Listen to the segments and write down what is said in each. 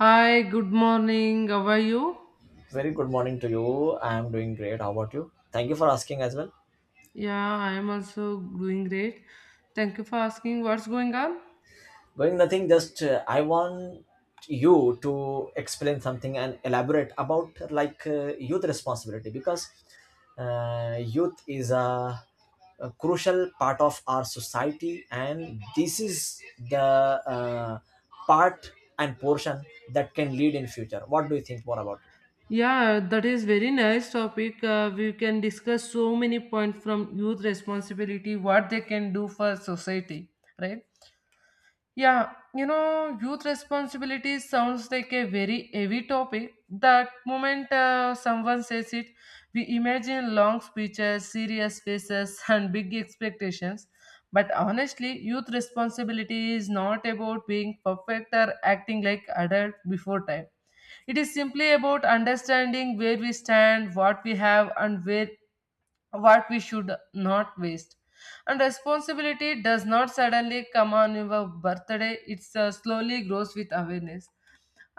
Hi, good morning. How are you? Very good morning to you. I am doing great. How about you? Thank you for asking as well. Yeah, I am also doing great. Thank you for asking. What's going on? Going nothing, just I want you to explain something and elaborate about like youth responsibility, because youth is a crucial part of our society, and this is the part and portion that can lead in future. What do you think more about? It? Yeah, that is very nice topic. We can discuss so many points from youth responsibility, what they can do for society, right? Yeah, youth responsibility sounds like a very heavy topic. That moment someone says it, we imagine long speeches, serious faces, and big expectations. But honestly, youth responsibility is not about being perfect or acting like adult before time. It is simply about understanding where we stand, what we have, and where what we should not waste. And responsibility does not suddenly come on your birthday. It slowly grows with awareness.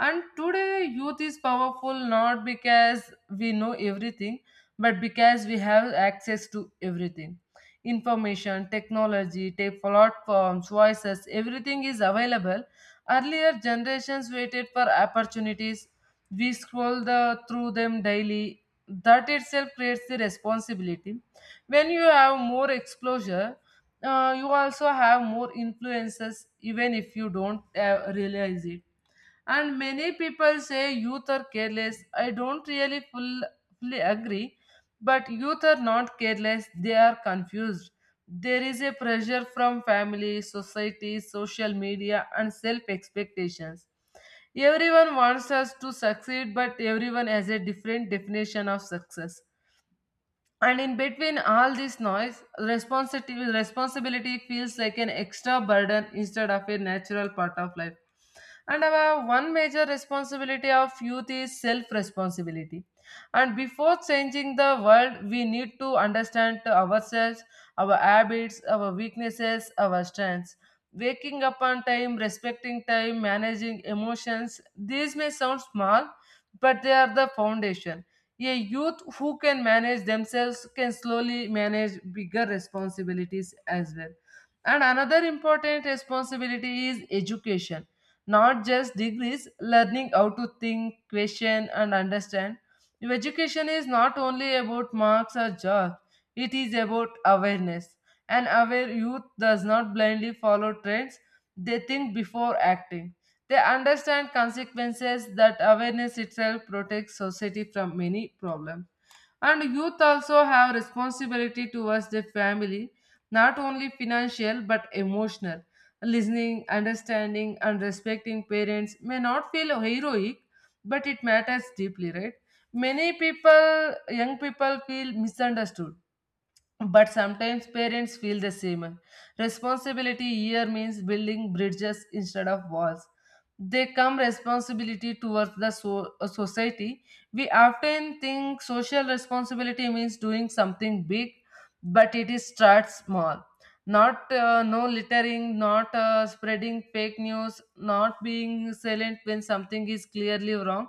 And today, youth is powerful not because we know everything, but because we have access to everything. Information, technology, tape platforms, voices, everything is available. Earlier generations waited for opportunities. We scroll through them daily. That itself creates the responsibility. When you have more exposure, you also have more influences, even if you don't realize it. And many people say youth are careless. I don't really fully agree, but youth are not careless, they are confused. There is a pressure from family, society, social media, and self expectations. Everyone wants us to succeed, but everyone has a different definition of success. And in between all this noise, responsibility feels like an extra burden instead of a natural part of life. And our one major responsibility of youth is self responsibility. And before changing the world we need to understand to ourselves, our habits, our weaknesses, our strengths. Waking up on time, respecting time, managing emotions, these may sound small, but they are the foundation. A youth who can manage themselves can slowly manage bigger responsibilities as well. And another important responsibility is education. Not just degrees, learning how to think, question, and understand. Your education is not only about marks or jobs, it is about awareness. An aware youth does not blindly follow trends, they think before acting. They understand consequences. That awareness itself protects society from many problems. And youth also have responsibility towards their family, not only financial but emotional. Listening, understanding, and respecting parents may not feel heroic, but it matters deeply, right? Many people, young people, feel misunderstood, but sometimes parents feel the same. Responsibility here means building bridges instead of walls. They come responsibility towards the society. We often think social responsibility means doing something big, but it is start small, not no littering, not spreading fake news, not being silent when something is clearly wrong.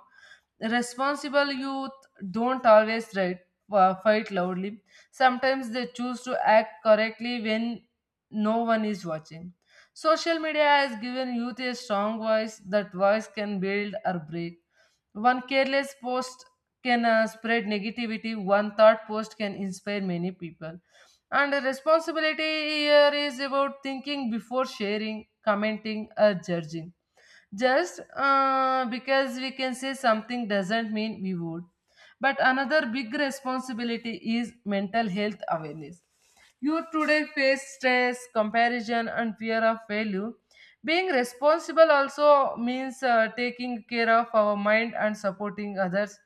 Responsible youth don't always write, fight loudly. Sometimes they choose to act correctly when no one is watching. Social media has given youth a strong voice. That voice can build or break. One careless post can spread negativity. One thought post can inspire many people. And the responsibility here is about thinking before sharing, commenting, or judging. Just because we can say something doesn't mean we would. But another big responsibility is mental health awareness. You today face stress, comparison, and fear of failure. Being responsible also means taking care of our mind and supporting others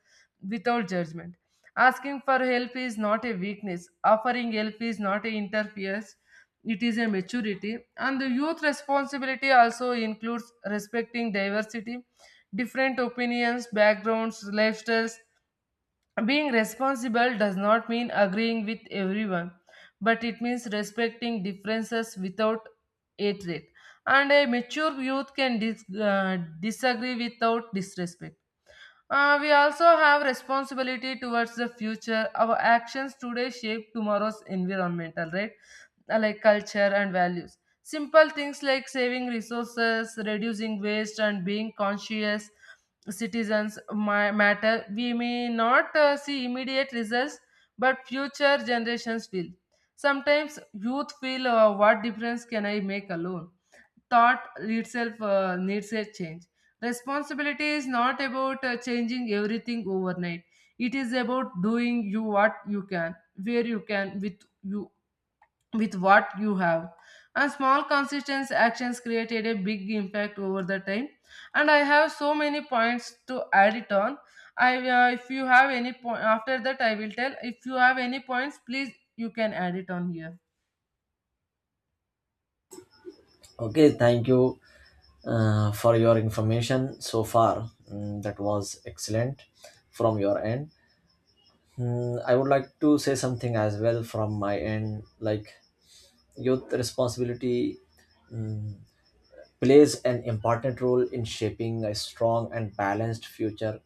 without judgment. Asking for help is not a weakness. Offering help is not a interference. It is a maturity. And the youth responsibility also includes respecting diversity, different opinions, backgrounds, lifestyles. Being responsible does not mean agreeing with everyone, but it means respecting differences without hatred. And a mature youth can disagree without disrespect. We also have responsibility towards the future. Our actions today shape tomorrow's environmental, right? Like culture and values. Simple things like saving resources, reducing waste, and being conscious citizens matter. We may not see immediate results, but future generations will. Sometimes youth feel, what difference can I make alone? Thought itself needs a change. Responsibility is not about changing everything overnight. It is about doing you what you can, where you can, with what you have. And small consistent actions created a big impact over the time. And I have so many points to add it on. I If you have any point after that I will tell. If you have any points, please you can add it on here. Okay, thank you for your information so far. Mm, that was excellent from your end. Mm, I would like to say something as well from my end. Like, youth responsibility, mm, plays an important role in shaping a strong and balanced future.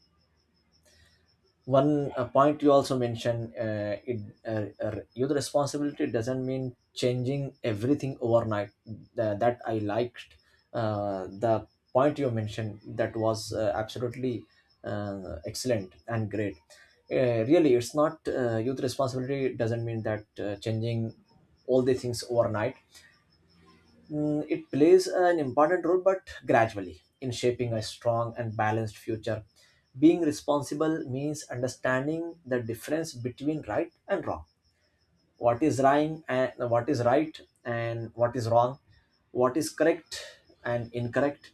One point you also mentioned, it youth responsibility doesn't mean changing everything overnight. That I liked. The point you mentioned, that was absolutely excellent and great. Really, it's not, youth responsibility doesn't mean that, changing all the things overnight. Mm, it plays an important role, but gradually, in shaping a strong and balanced future. Being responsible means understanding the difference between right and wrong. What is right and what is wrong, what is correct and incorrect,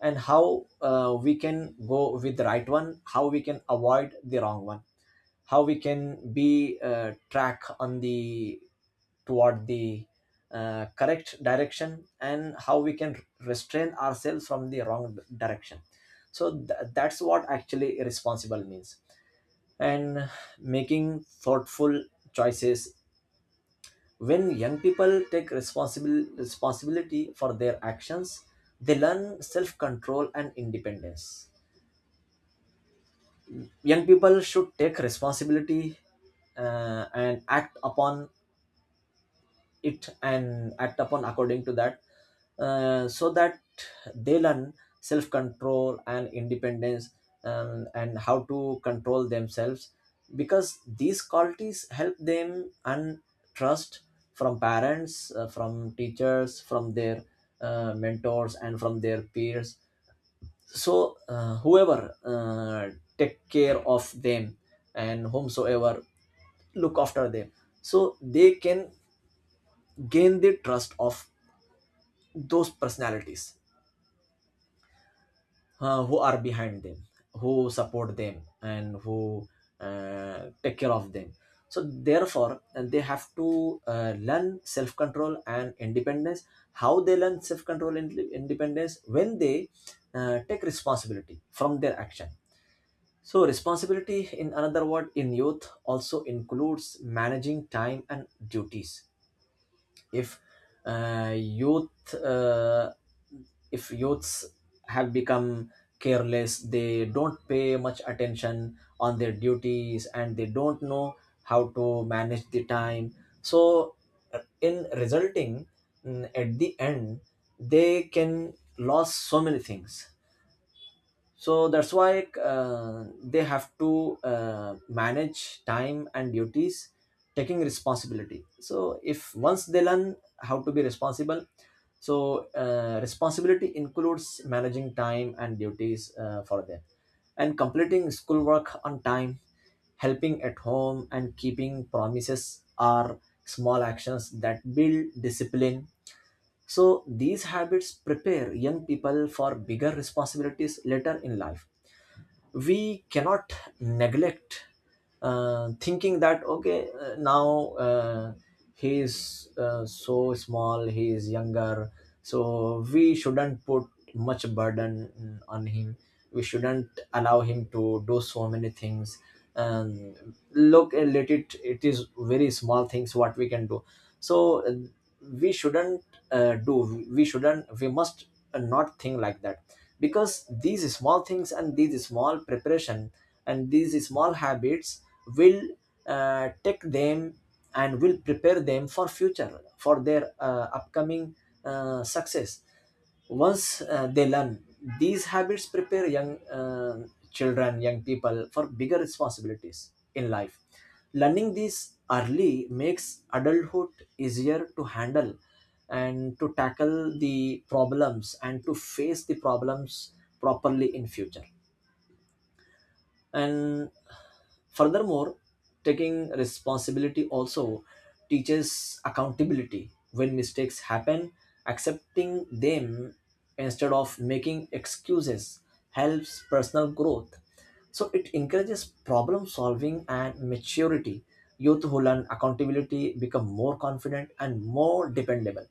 and how we can go with the right one, how we can avoid the wrong one, how we can be track on the toward the correct direction, and how we can restrain ourselves from the wrong direction. So that's what actually responsible means, and making thoughtful choices. When young people take responsible responsibility for their actions, they learn self control and independence. Young people should take responsibility and act upon it, and act upon according to that, so that they learn self control and independence, and how to control themselves, because these qualities help them and trust from parents, from teachers, from their mentors, and from their peers. So whoever take care of them and whomsoever look after them, so they can gain the trust of those personalities who are behind them, who support them, and who take care of them. So therefore, they have to learn self-control and independence. How they learn self-control and independence, when they take responsibility from their action. So responsibility, in another word, in youth, also includes managing time and duties. If youth if youths have become careless, they don't pay much attention on their duties, and they don't know how to manage the time. So in resulting, at the end, they can lose so many things. So that's why they have to manage time and duties, taking responsibility. So if once they learn how to be responsible, so responsibility includes managing time and duties for them. And completing schoolwork on time, helping at home, and keeping promises are small actions that build discipline. So these habits prepare young people for bigger responsibilities later in life. We cannot neglect, thinking that, okay, now, he is so small, he is younger, so we shouldn't put much burden on him, we shouldn't allow him to do so many things, and look and let it, it is very small things what we can do. So we shouldn't, we must not think like that, because these small things, and these small preparation, and these small habits will take them and will prepare them for future, for their upcoming success. Once they learn, these habits prepare young children, young people, for bigger responsibilities in life. Learning this early makes adulthood easier to handle, and to tackle the problems, and to face the problems properly in future. And furthermore, taking responsibility also teaches accountability. When mistakes happen, accepting them instead of making excuses helps personal growth. So it encourages problem solving and maturity. Youth who learn accountability become more confident and more dependable.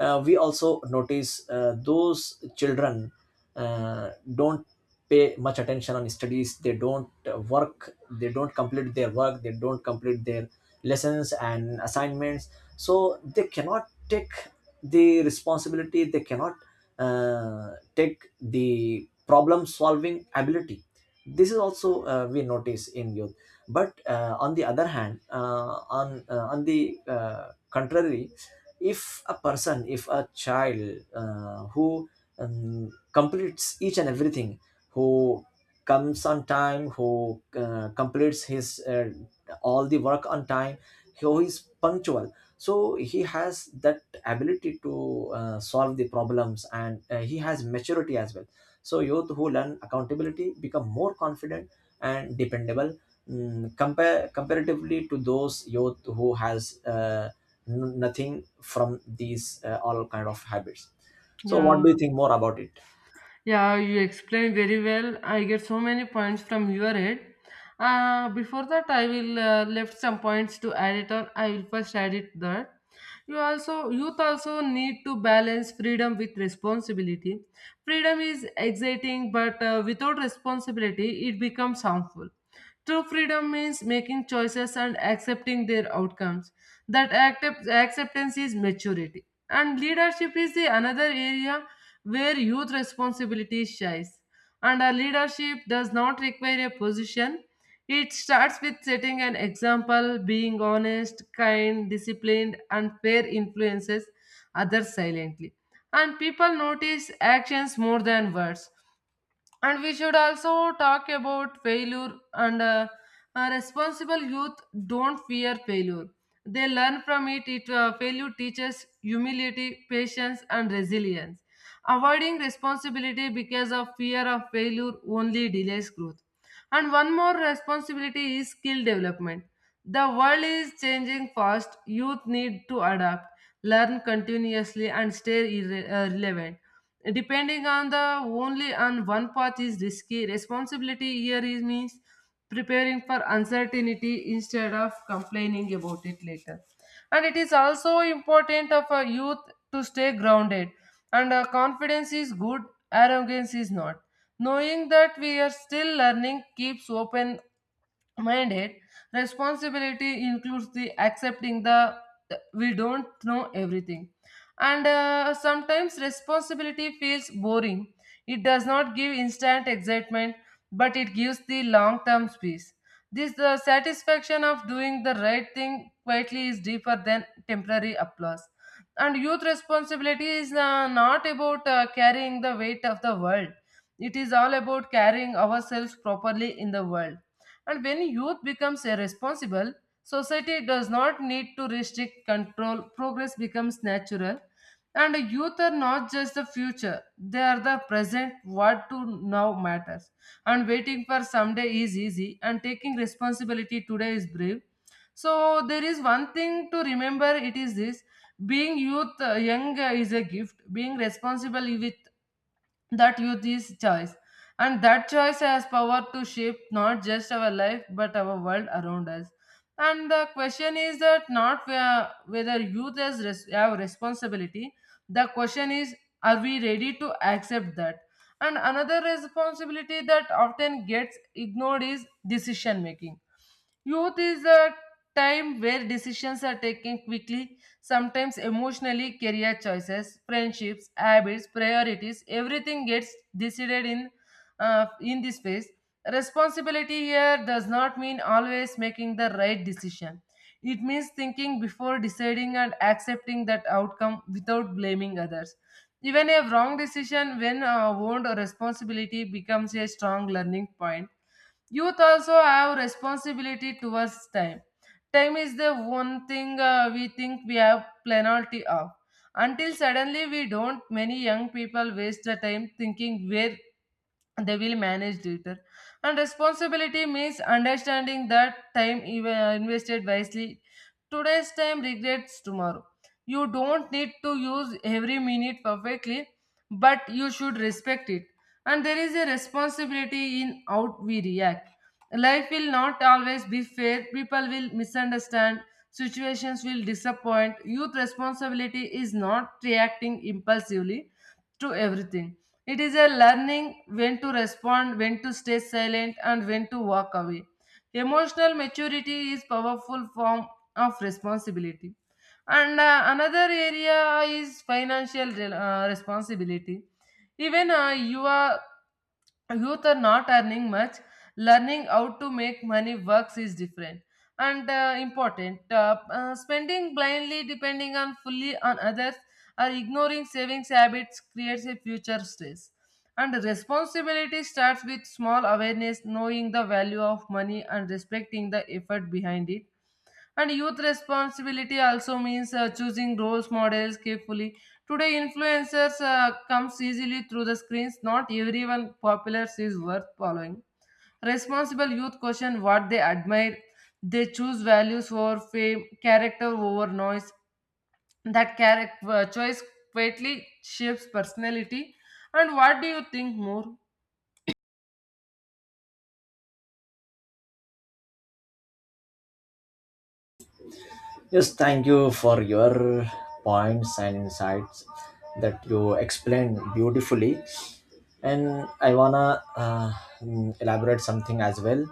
We also notice those children don't pay much attention on studies, they don't work, they don't complete their work, they don't complete their lessons and assignments, so they cannot take the responsibility, they cannot take the problem solving ability. This is also we notice in youth. But on the other hand, on the uh, contrary, if a person, if a child, who completes each and everything, who comes on time, who completes his all the work on time, who is punctual, so he has that ability to solve the problems, and he has maturity as well. So youth who learn accountability become more confident and dependable, compare comparatively to those youth who has nothing from these all kind of habits. So what do you Yeah. think more about it? Yeah, you explained very well. I get so many points from your head. Before that, I will left some points to add it on. I will first add it that you also youth also need to balance freedom with responsibility. Freedom is exciting, but without responsibility, it becomes harmful. True freedom means making choices and accepting their outcomes. That acceptance is maturity, and leadership is the another area where youth responsibility shines. And a leadership does not require a position. It starts with setting an example, being honest, kind, disciplined, and fair, influences others silently. And people notice actions more than words. And we should also talk about failure and responsible youth don't fear failure. They learn from it. Failure teaches humility, patience, and resilience. Avoiding responsibility because of fear of failure only delays growth. And one more responsibility is skill development. The world is changing fast. Youth need to adapt, learn continuously, and stay relevant. Depending on the only on one path is risky. Responsibility here is means preparing for uncertainty instead of complaining about it later. And it is also important of a youth to stay grounded. And Confidence is good, arrogance is not. Knowing that we are still learning keeps open minded. Responsibility includes the accepting the we don't know everything. And sometimes responsibility feels boring. It does not give instant excitement, but it gives the long term peace. This the satisfaction of doing the right thing quietly is deeper than temporary applause. And youth responsibility is not about carrying the weight of the world. It is all about carrying ourselves properly in the world. And when youth becomes irresponsible, society does not need to restrict control, progress becomes natural. And youth are not just the future, they are the present, what to now matters. And waiting for someday is easy, and taking responsibility today is brave. So, there is one thing to remember, it is this. Being youth young is a gift, being responsible with that youth is choice. And that choice has power to shape not just our life but our world around us. And the question is that not whether youth have responsibility. The question is, are we ready to accept that? And another responsibility that often gets ignored is decision making. Youth is a time where decisions are taken quickly. Sometimes emotionally, career choices, friendships, habits, priorities, everything gets decided in in this phase. Responsibility here does not mean always making the right decision. It means thinking before deciding and accepting that outcome without blaming others. Even a wrong decision, when owned responsibility, becomes a strong learning point. Youth also have responsibility towards time. Time is the one thing we think we have plenty of, until suddenly we don't. Many young people waste the time thinking where they will manage later. And responsibility means understanding that time invested wisely today's time regrets tomorrow. You don't need to use every minute perfectly, but you should respect it. And there is a responsibility in how we react. Life will not always be fair, people will misunderstand, situations will disappoint. Youth responsibility is not reacting impulsively to everything. It is a learning when to respond, when to stay silent, and when to walk away. Emotional maturity is powerful form of responsibility. And another area is financial responsibility. Even you are youth are not earning much, learning how to make money works is different and important. Spending blindly, depending on fully on others, or ignoring savings habits creates a future stress. And responsibility starts with small awareness, knowing the value of money and respecting the effort behind it. And youth responsibility also means choosing roles models carefully. Today, influencers comes easily through the screens. Not everyone popular is worth following. Responsible youth question what they admire. They choose values over fame, character over noise. That character choice greatly shapes personality. And what do you think more? Yes, thank you for your points and insights that you explained beautifully. And I wanna, elaborate something as well.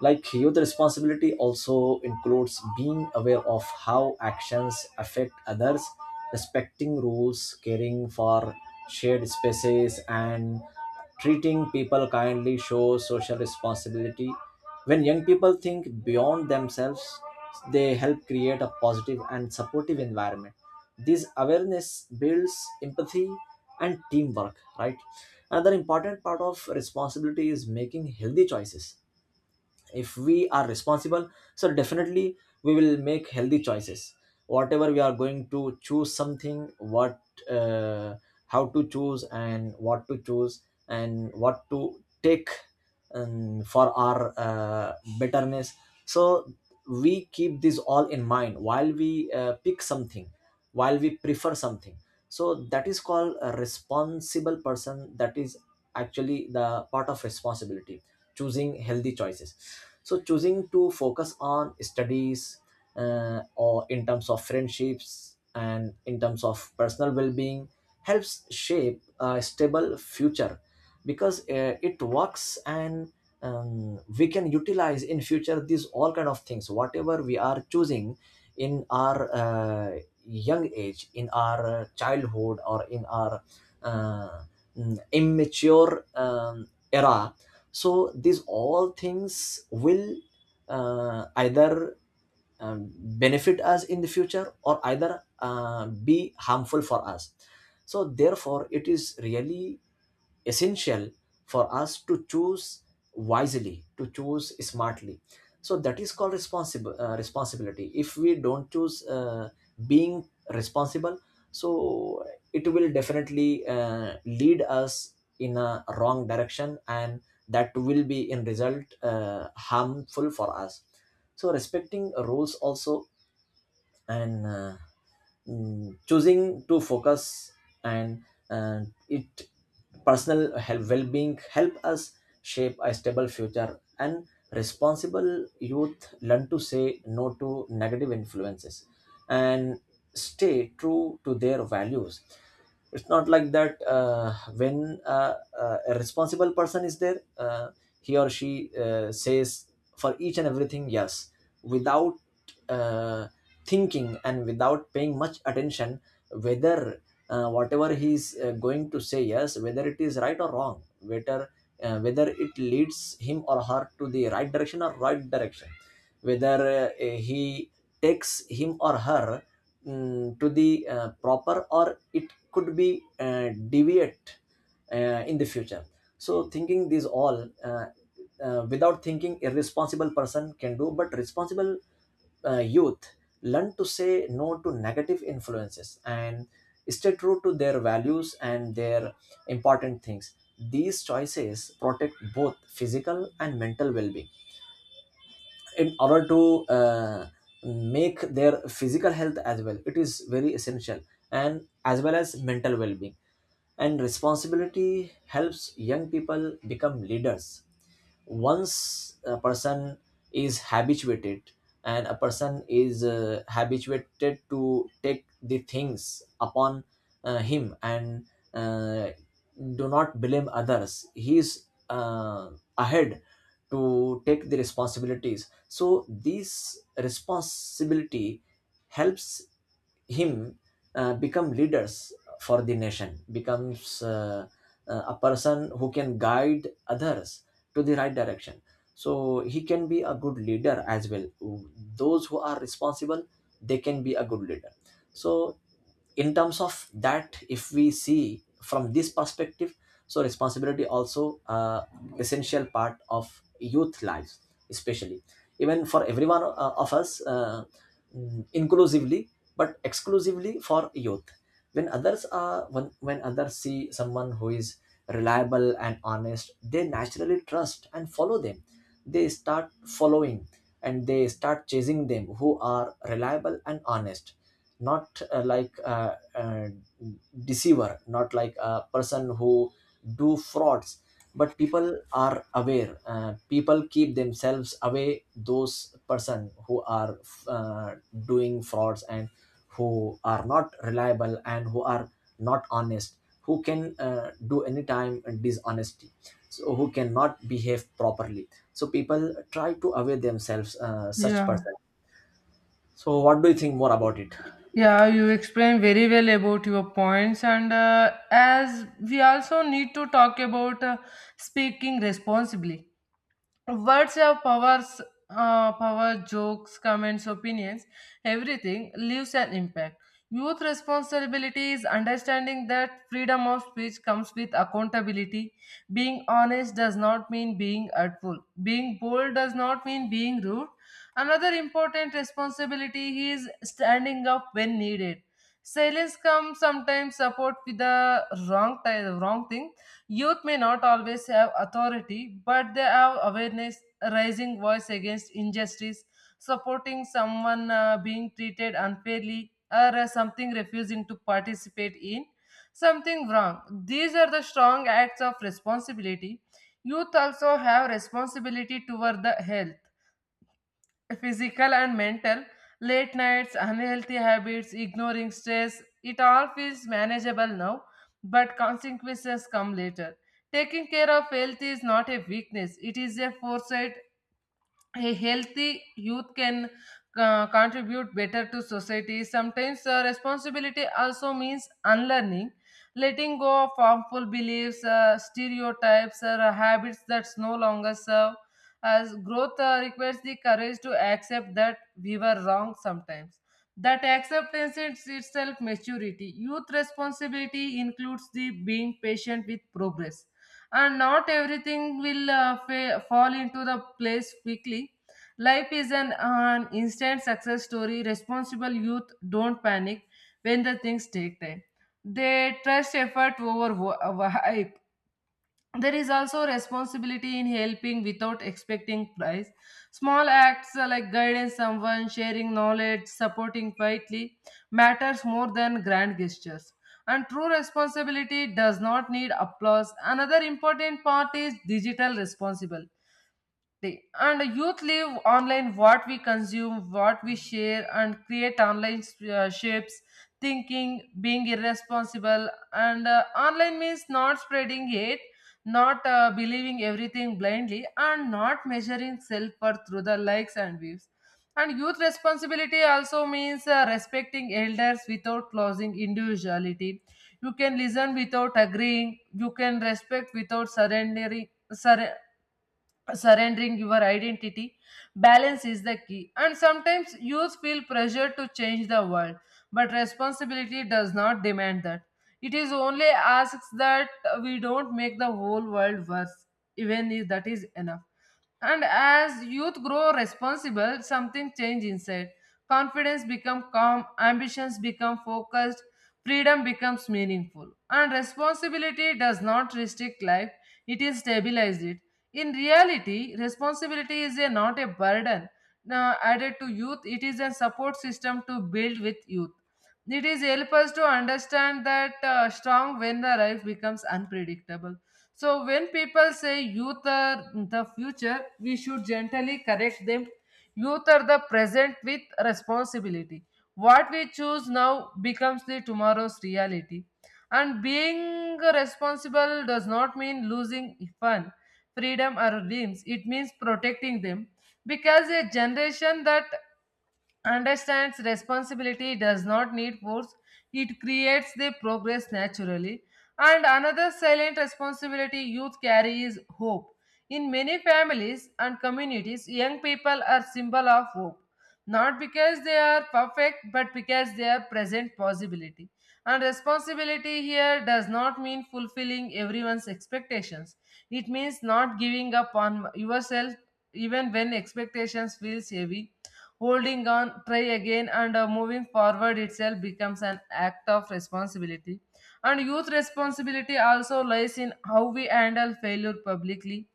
Like, youth responsibility also includes being aware of how actions affect others, respecting rules, caring for shared spaces, and treating people kindly shows social responsibility. When young people think beyond themselves, they help create a positive and supportive environment. This awareness builds empathy and teamwork, right? Another important part of responsibility is making healthy choices. If we are responsible, so definitely we will make healthy choices, whatever we are going to choose something, what, uh, how to choose and what to choose and what to take, for our betterness. So we keep this all in mind while we pick something, while we prefer something. So that is called a responsible person, that is actually the part of responsibility, choosing healthy choices. So choosing to focus on studies, or in terms of friendships, and in terms of personal well-being, helps shape a stable future. Because it works, and we can utilize in future these all kind of things, whatever we are choosing in our young age, in our childhood, or in our uh, immature era. So these all things will either benefit us in the future, or either be harmful for us. So therefore, it is really essential for us to choose wisely, to choose smartly. So that is called responsible, responsibility. If we don't choose, being responsible, so it will definitely lead us in a wrong direction, and that will be in result harmful for us. So respecting rules also, and choosing to focus, and uh, it personal health well-being, help us shape a stable future. And responsible youth learn to say no to negative influences and stay true to their values. It's not like that, when a responsible person is there, he or she says for each and everything yes, without, uh, thinking and without paying much attention, whether, whatever he's going to say yes, whether it is right or wrong, whether it leads him or her to the right direction or right direction, whether uh, he takes him or her to the proper, or it could be deviate in the future. So thinking these all, without thinking irresponsible person can do, but responsible youth learn to say no to negative influences and stay true to their values and their important things. These choices protect both physical and mental well-being. In order to uh, make their physical health as well, it is very essential, and as well as mental well-being. And responsibility helps young people become leaders. Once a person is habituated, and a person is habituated to take the things upon him, and uh, do not blame others, he is uh, ahead to take the responsibilities. So this responsibility helps him become leaders for the nation, becomes a person who can guide others to the right direction. So he can be a good leader as well. Those who are responsible, they can be a good leader. So in terms of that, if we see from this perspective, so responsibility also, essential part of youth lives, especially even for everyone of us, inclusively, but exclusively for youth. When others see someone who is reliable and honest, they naturally trust and follow them. They start following and they start chasing them, who are reliable and honest. Not like a deceiver, not like a person who do frauds. But people are aware, people keep themselves away those person who are uh, doing frauds, and who are not reliable, and who are not honest, who can do any time dishonesty, so who cannot behave properly. So people try to away themselves such Yeah. person. So what do you think more about it? Yeah, you explained very well about your points, and as we also need to talk about speaking responsibly. Words have powers. Power, jokes, comments, opinions, everything leaves an impact. Youth responsibility is understanding that freedom of speech comes with accountability. Being honest does not mean being hurtful, being bold does not mean being rude. Another important responsibility is standing up when needed. Silence comes sometimes support with the wrong thing. Youth may not always have authority, but they have awareness, raising voice against injustice, supporting someone being treated unfairly, or something, refusing to participate in something wrong. These are the strong acts of responsibility. Youth also have responsibility toward the health, physical and mental. Late nights, unhealthy habits, ignoring stress, it all feels manageable now, but consequences come later. Taking care of health is not a weakness, it is a foresight. A healthy youth can contribute better to society. Sometimes responsibility also means unlearning, letting go of harmful beliefs, stereotypes, or habits that no longer serve. As growth requires the courage to accept that we were wrong sometimes. That acceptance is itself maturity. Youth responsibility includes the being patient with progress, and not everything will fall into the place quickly. Life is an instant success story. Responsible youth don't panic when the things take time. They trust effort over hype. There is also responsibility in helping without expecting price. Small acts like guiding someone, sharing knowledge, supporting quietly matters more than grand gestures. And true responsibility does not need applause. Another important part is digital responsible day, and youth live online. What we consume, what we share and create online shapes thinking. Being irresponsible and online means not spreading hate, not believing everything blindly, and not measuring self-worth through the likes and views. And youth responsibility also means respecting elders without losing individuality. You can listen without agreeing, you can respect without Surre- surrendering your identity. Balance is the key. And sometimes youth feel pressure to change the world, but responsibility does not demand that. It is only asks that we don't make the whole world worse, even if that is enough. And as youth grow responsible, something change inside. Confidence becomes calm, ambitions become focused, freedom becomes meaningful. And responsibility does not restrict life, it is stabilized it. In reality, responsibility is a, not a burden. Now, added to youth, it is a support system to build with youth. It is help us to understand that strong when the life becomes unpredictable. So when people say youth are the future, we should gently correct them. Youth are the present with responsibility. What we choose now becomes the tomorrow's reality. And being responsible does not mean losing fun, freedom, or dreams. It means protecting them, because a generation that understands responsibility does not need force. It creates the progress naturally. And another silent responsibility youth carry is hope. In many families and communities, young people are symbol of hope, not because they are perfect, but because they are present possibility. And responsibility here does not mean fulfilling everyone's expectations, it means not giving up on yourself even when expectations feels heavy. Holding on, try again, and moving forward itself becomes an act of responsibility. And youth responsibility also lies in how we handle failure publicly.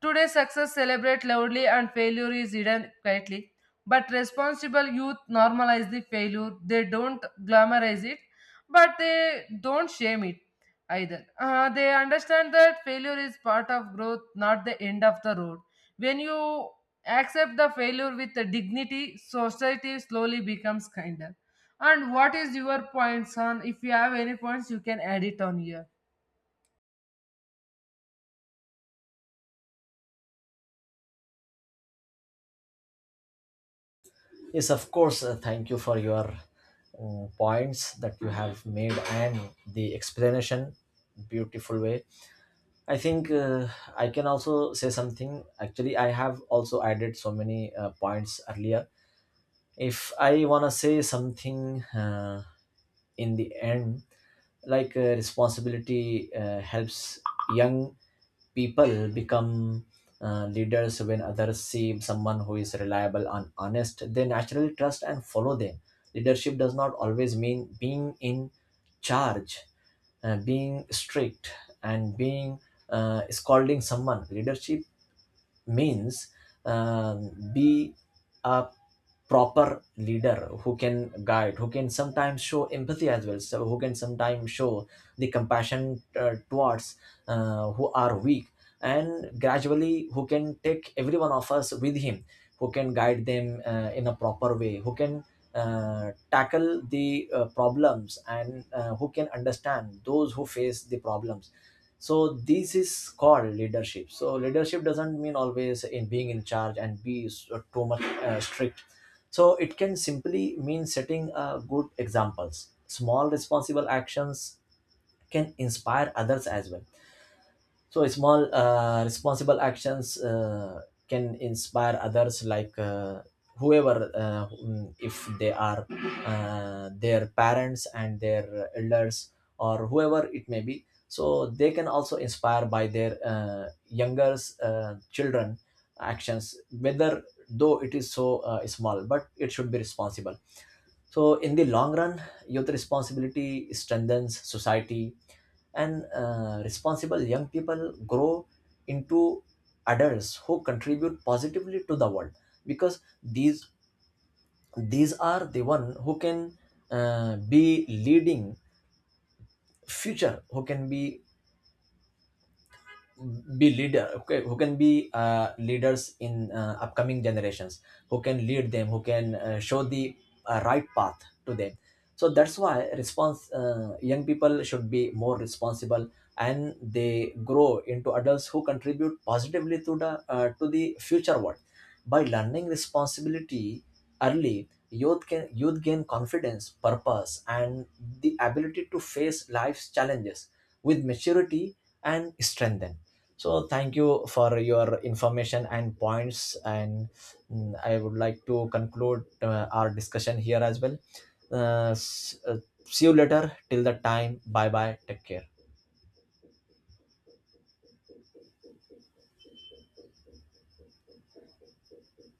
Today, success celebrates loudly and failure is hidden quietly. But responsible youth normalize the failure. They don't glamorize it, but they don't shame it either. They understand that failure is part of growth, not the end of the road. When you accept the failure with the dignity, society slowly becomes kinder. And what is your points on? If you have any points, you can add it on here. Yes, of course. Thank you for your points that you have made, and the explanation. Beautiful way. I think I can also say something. Actually, I have also added so many points earlier. If I want to say something in the end, like responsibility helps young people become leaders. When others see someone who is reliable and honest, they naturally trust and follow them. Leadership does not always mean being in charge, being strict, and being scolding someone. Leadership means, be a proper leader who can guide, who can sometimes show empathy as well, so who can sometimes show the compassion towards who are weak, and gradually who can take every one of us with him, who can guide them in a proper way, who can tackle the problems, and who can understand those who face the problems. So this is called leadership. So leadership doesn't mean always in being in charge and be too much strict. So it can simply mean setting good examples. Small responsible actions can inspire others as well. So small responsible actions can inspire others, like whoever, if they are their parents and their elders, or whoever it may be. So they can also inspire by their younger children actions, whether though it is so small, but it should be responsible. So in the long run, youth responsibility strengthens society, and responsible young people grow into adults who contribute positively to the world. Because these are the one who can be leading future, who can be leader, okay, who can be leaders in upcoming generations, who can lead them, who can show the right path to them. So that's why, response young people should be more responsible, and they grow into adults who contribute positively to the to the future world. By learning responsibility early, youth gain confidence, purpose, and the ability to face life's challenges with maturity and strength. So thank you for your information and points, and I would like to conclude our discussion here as well. Uh, s- uh, See you later. Till the time, bye bye. Take care.